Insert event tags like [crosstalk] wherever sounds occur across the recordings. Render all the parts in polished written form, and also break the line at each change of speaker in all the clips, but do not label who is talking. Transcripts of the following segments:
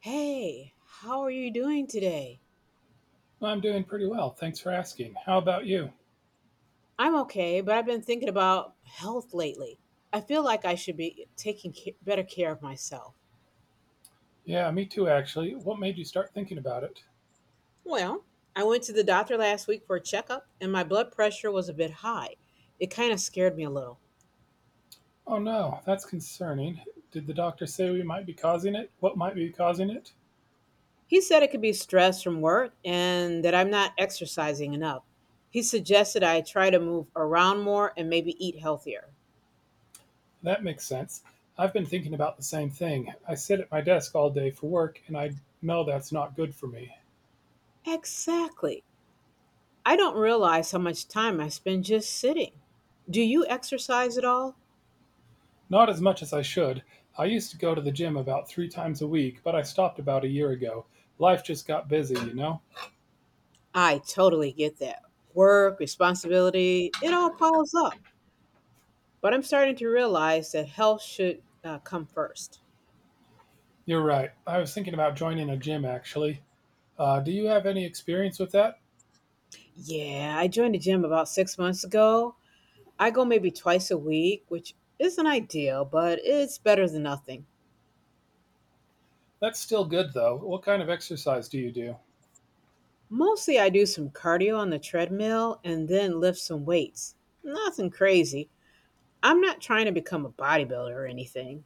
Hey, how are you doing today?
Well, I'm doing pretty well. Thanks for asking. How about you?
I'm okay, but I've been thinking about health lately. I feel like I should be taking better care of myself.
Yeah, me too, actually. What made you start thinking about it?
Well, I went to the doctor last week for a checkup, and my blood pressure was a bit high. It kind of scared me a little.
Oh no, that's concerning. Did the doctor say we might be causing it? What might be causing it?
He said it could be stress from work and that I'm not exercising enough. He suggested I try to move around more and maybe eat healthier.
That makes sense. I've been thinking about the same thing. I sit at my desk all day for work, and I know that's not good for me.
Exactly. I don't realize how much time I spend just sitting. Do you exercise at all?
Not as much as I should. I used to go to the gym about three times a week, but I stopped about a year ago. Life just got busy, you know?
I totally get that. Work, responsibility, it all piles up. But I'm starting to realize that health should come first.
You're right. I was thinking about joining a gym, actually. Do you have any experience with that?
Yeah, I joined the gym about 6 months ago. I go maybe twice a week, which isn't ideal, but it's better than nothing.
That's still good though. What kind of exercise do you do?
Mostly, I do some cardio on the treadmill and then lift some weights. Nothing crazy. I'm not trying to become a bodybuilder or anything.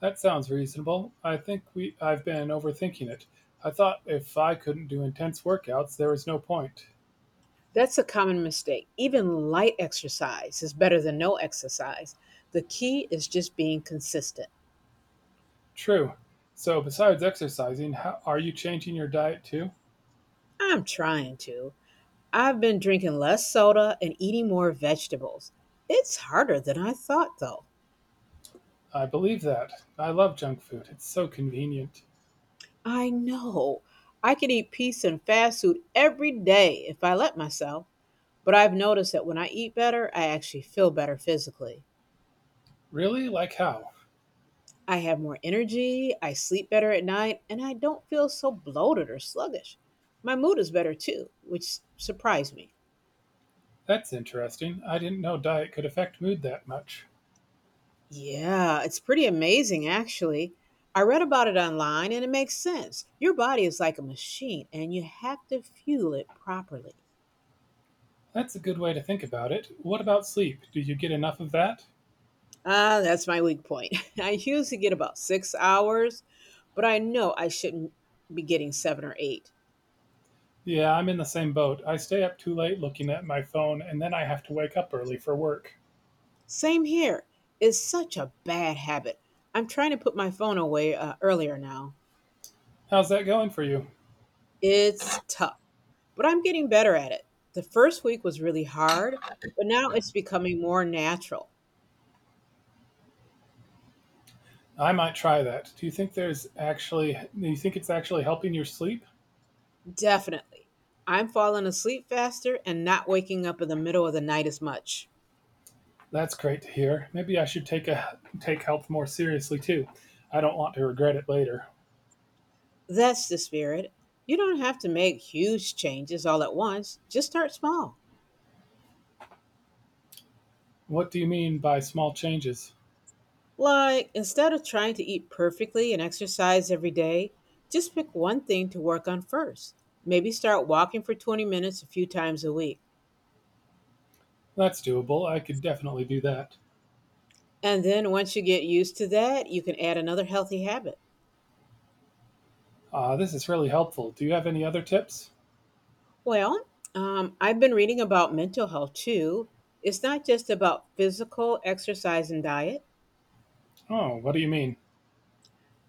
That sounds reasonable. I think we I've been overthinking it. I thought if I couldn't do intense workouts, there was no point.
That's a common mistake. Even light exercise is better than no exercise. The key is just being consistent.
True. So besides exercising, how, are you changing your diet too?
I'm trying to. I've been drinking less soda and eating more vegetables. It's harder than I thought, though.
I believe that. I love junk food. It's so convenient.
I know. I could eat pizza and fast food every day if I let myself, but I've noticed that when I eat better, I actually feel better physically.
Really? Like how?
I have more energy, I sleep better at night, and I don't feel so bloated or sluggish. My mood is better too, which surprised me.
That's interesting. I didn't know diet could affect mood that much.
Yeah, it's pretty amazing actually. I read about it online and it makes sense. Your body is like a machine and you have to fuel it properly.
That's a good way to think about it. What about sleep? Do you get enough of that?
Ah, that's my weak point. [laughs] I usually get about 6 hours, but I know I shouldn't be getting seven or eight.
Yeah, I'm in the same boat. I stay up too late looking at my phone, and then I have to wake up early for work.
Same here. It's such a bad habit. I'm trying to put my phone away earlier now.
How's that going for you?
It's tough, but I'm getting better at it. The first week was really hard, but now it's becoming more natural.
I might try that. Do you think it's actually helping your sleep?
Definitely. I'm falling asleep faster and not waking up in the middle of the night as much.
That's great to hear. Maybe I should take health more seriously too. I don't want to regret it later.
That's the spirit. You don't have to make huge changes all at once, just start small.
What do you mean by small changes?
Like, instead of trying to eat perfectly and exercise every day, just pick one thing to work on first. Maybe start walking for 20 minutes a few times a week.
That's doable. I could definitely do that.
And then once you get used to that, you can add another healthy habit.
This is really helpful. Do you have any other tips?
Well, I've been reading about mental health too. It's not just about physical exercise and diet,
Oh, what do you mean?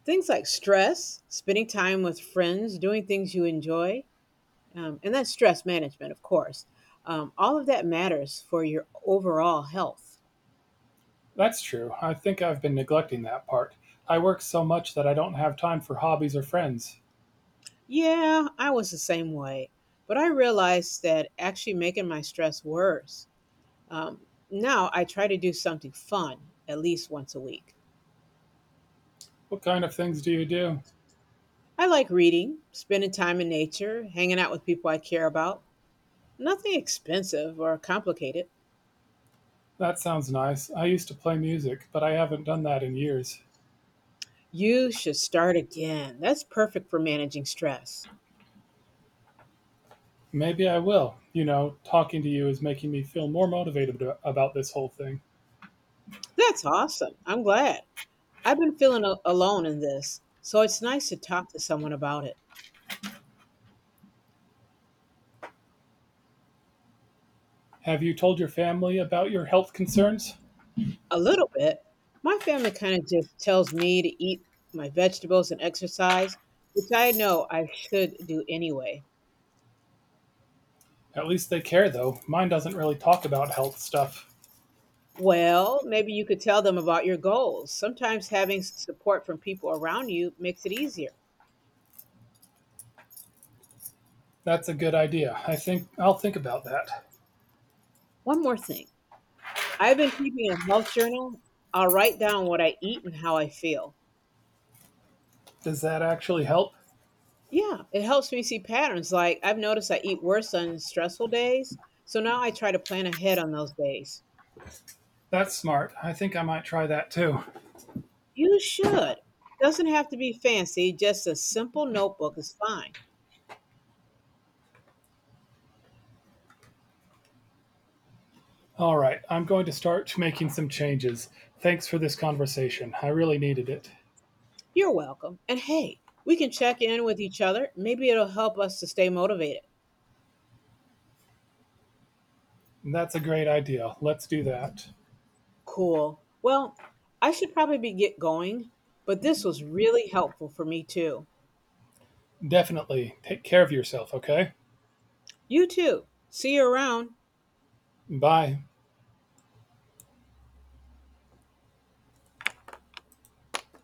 things like stress, spending time with friends, doing things you enjoy, and that's stress management, of course. All of that matters for your overall health.
That's true. I think I've been neglecting that part. I work so much that I don't have time for hobbies or friends.
Yeah, I was the same way. But I realized that actually making my stress worse. Um, Now I try to do something fun at least once a week.
What kind of things do you do?
I like reading, spending time in nature, hanging out with people I care about. Nothing expensive or complicated.
That sounds nice. I used to play music, but I haven't done that in years.
You should start again. That's perfect for managing stress.
Maybe I will. You know, talking to you is making me feel more motivated about this whole thing.
That's awesome. I'm glad. I've been feeling alone in this, so it's nice to talk to someone about it.
Have you told your family about your health concerns?
A little bit. My family kinda just tells me to eat my vegetables and exercise, which I know I should do anyway.
At least they care, though. Mine doesn't really talk about health stuff.
Well, maybe you could tell them about your goals. Sometimes having support from people around you makes it easier.
That's a good idea. I think I'll think about that.
One more thing. I've been keeping a health journal. I'll write down what I eat and how I feel.
Does that actually help?
Yeah, it helps me see patterns. Like I've noticed I eat worse on stressful days, so now I try to plan ahead on those days.
That's smart. I think I might try that too.
You should. It doesn't have to be fancy, just a simple notebook is fine.
All right, I'm going to start making some changes. Thanks for this conversation. I really needed it.
You're welcome. And hey, we can check in with each other. Maybe it'll help us to stay motivated.
That's a great idea. Let's do that.
Cool. Well, I should probably be get going, but this was really helpful for me too.
Definitely. Take care of yourself, okay?
You too. See you around.
Bye.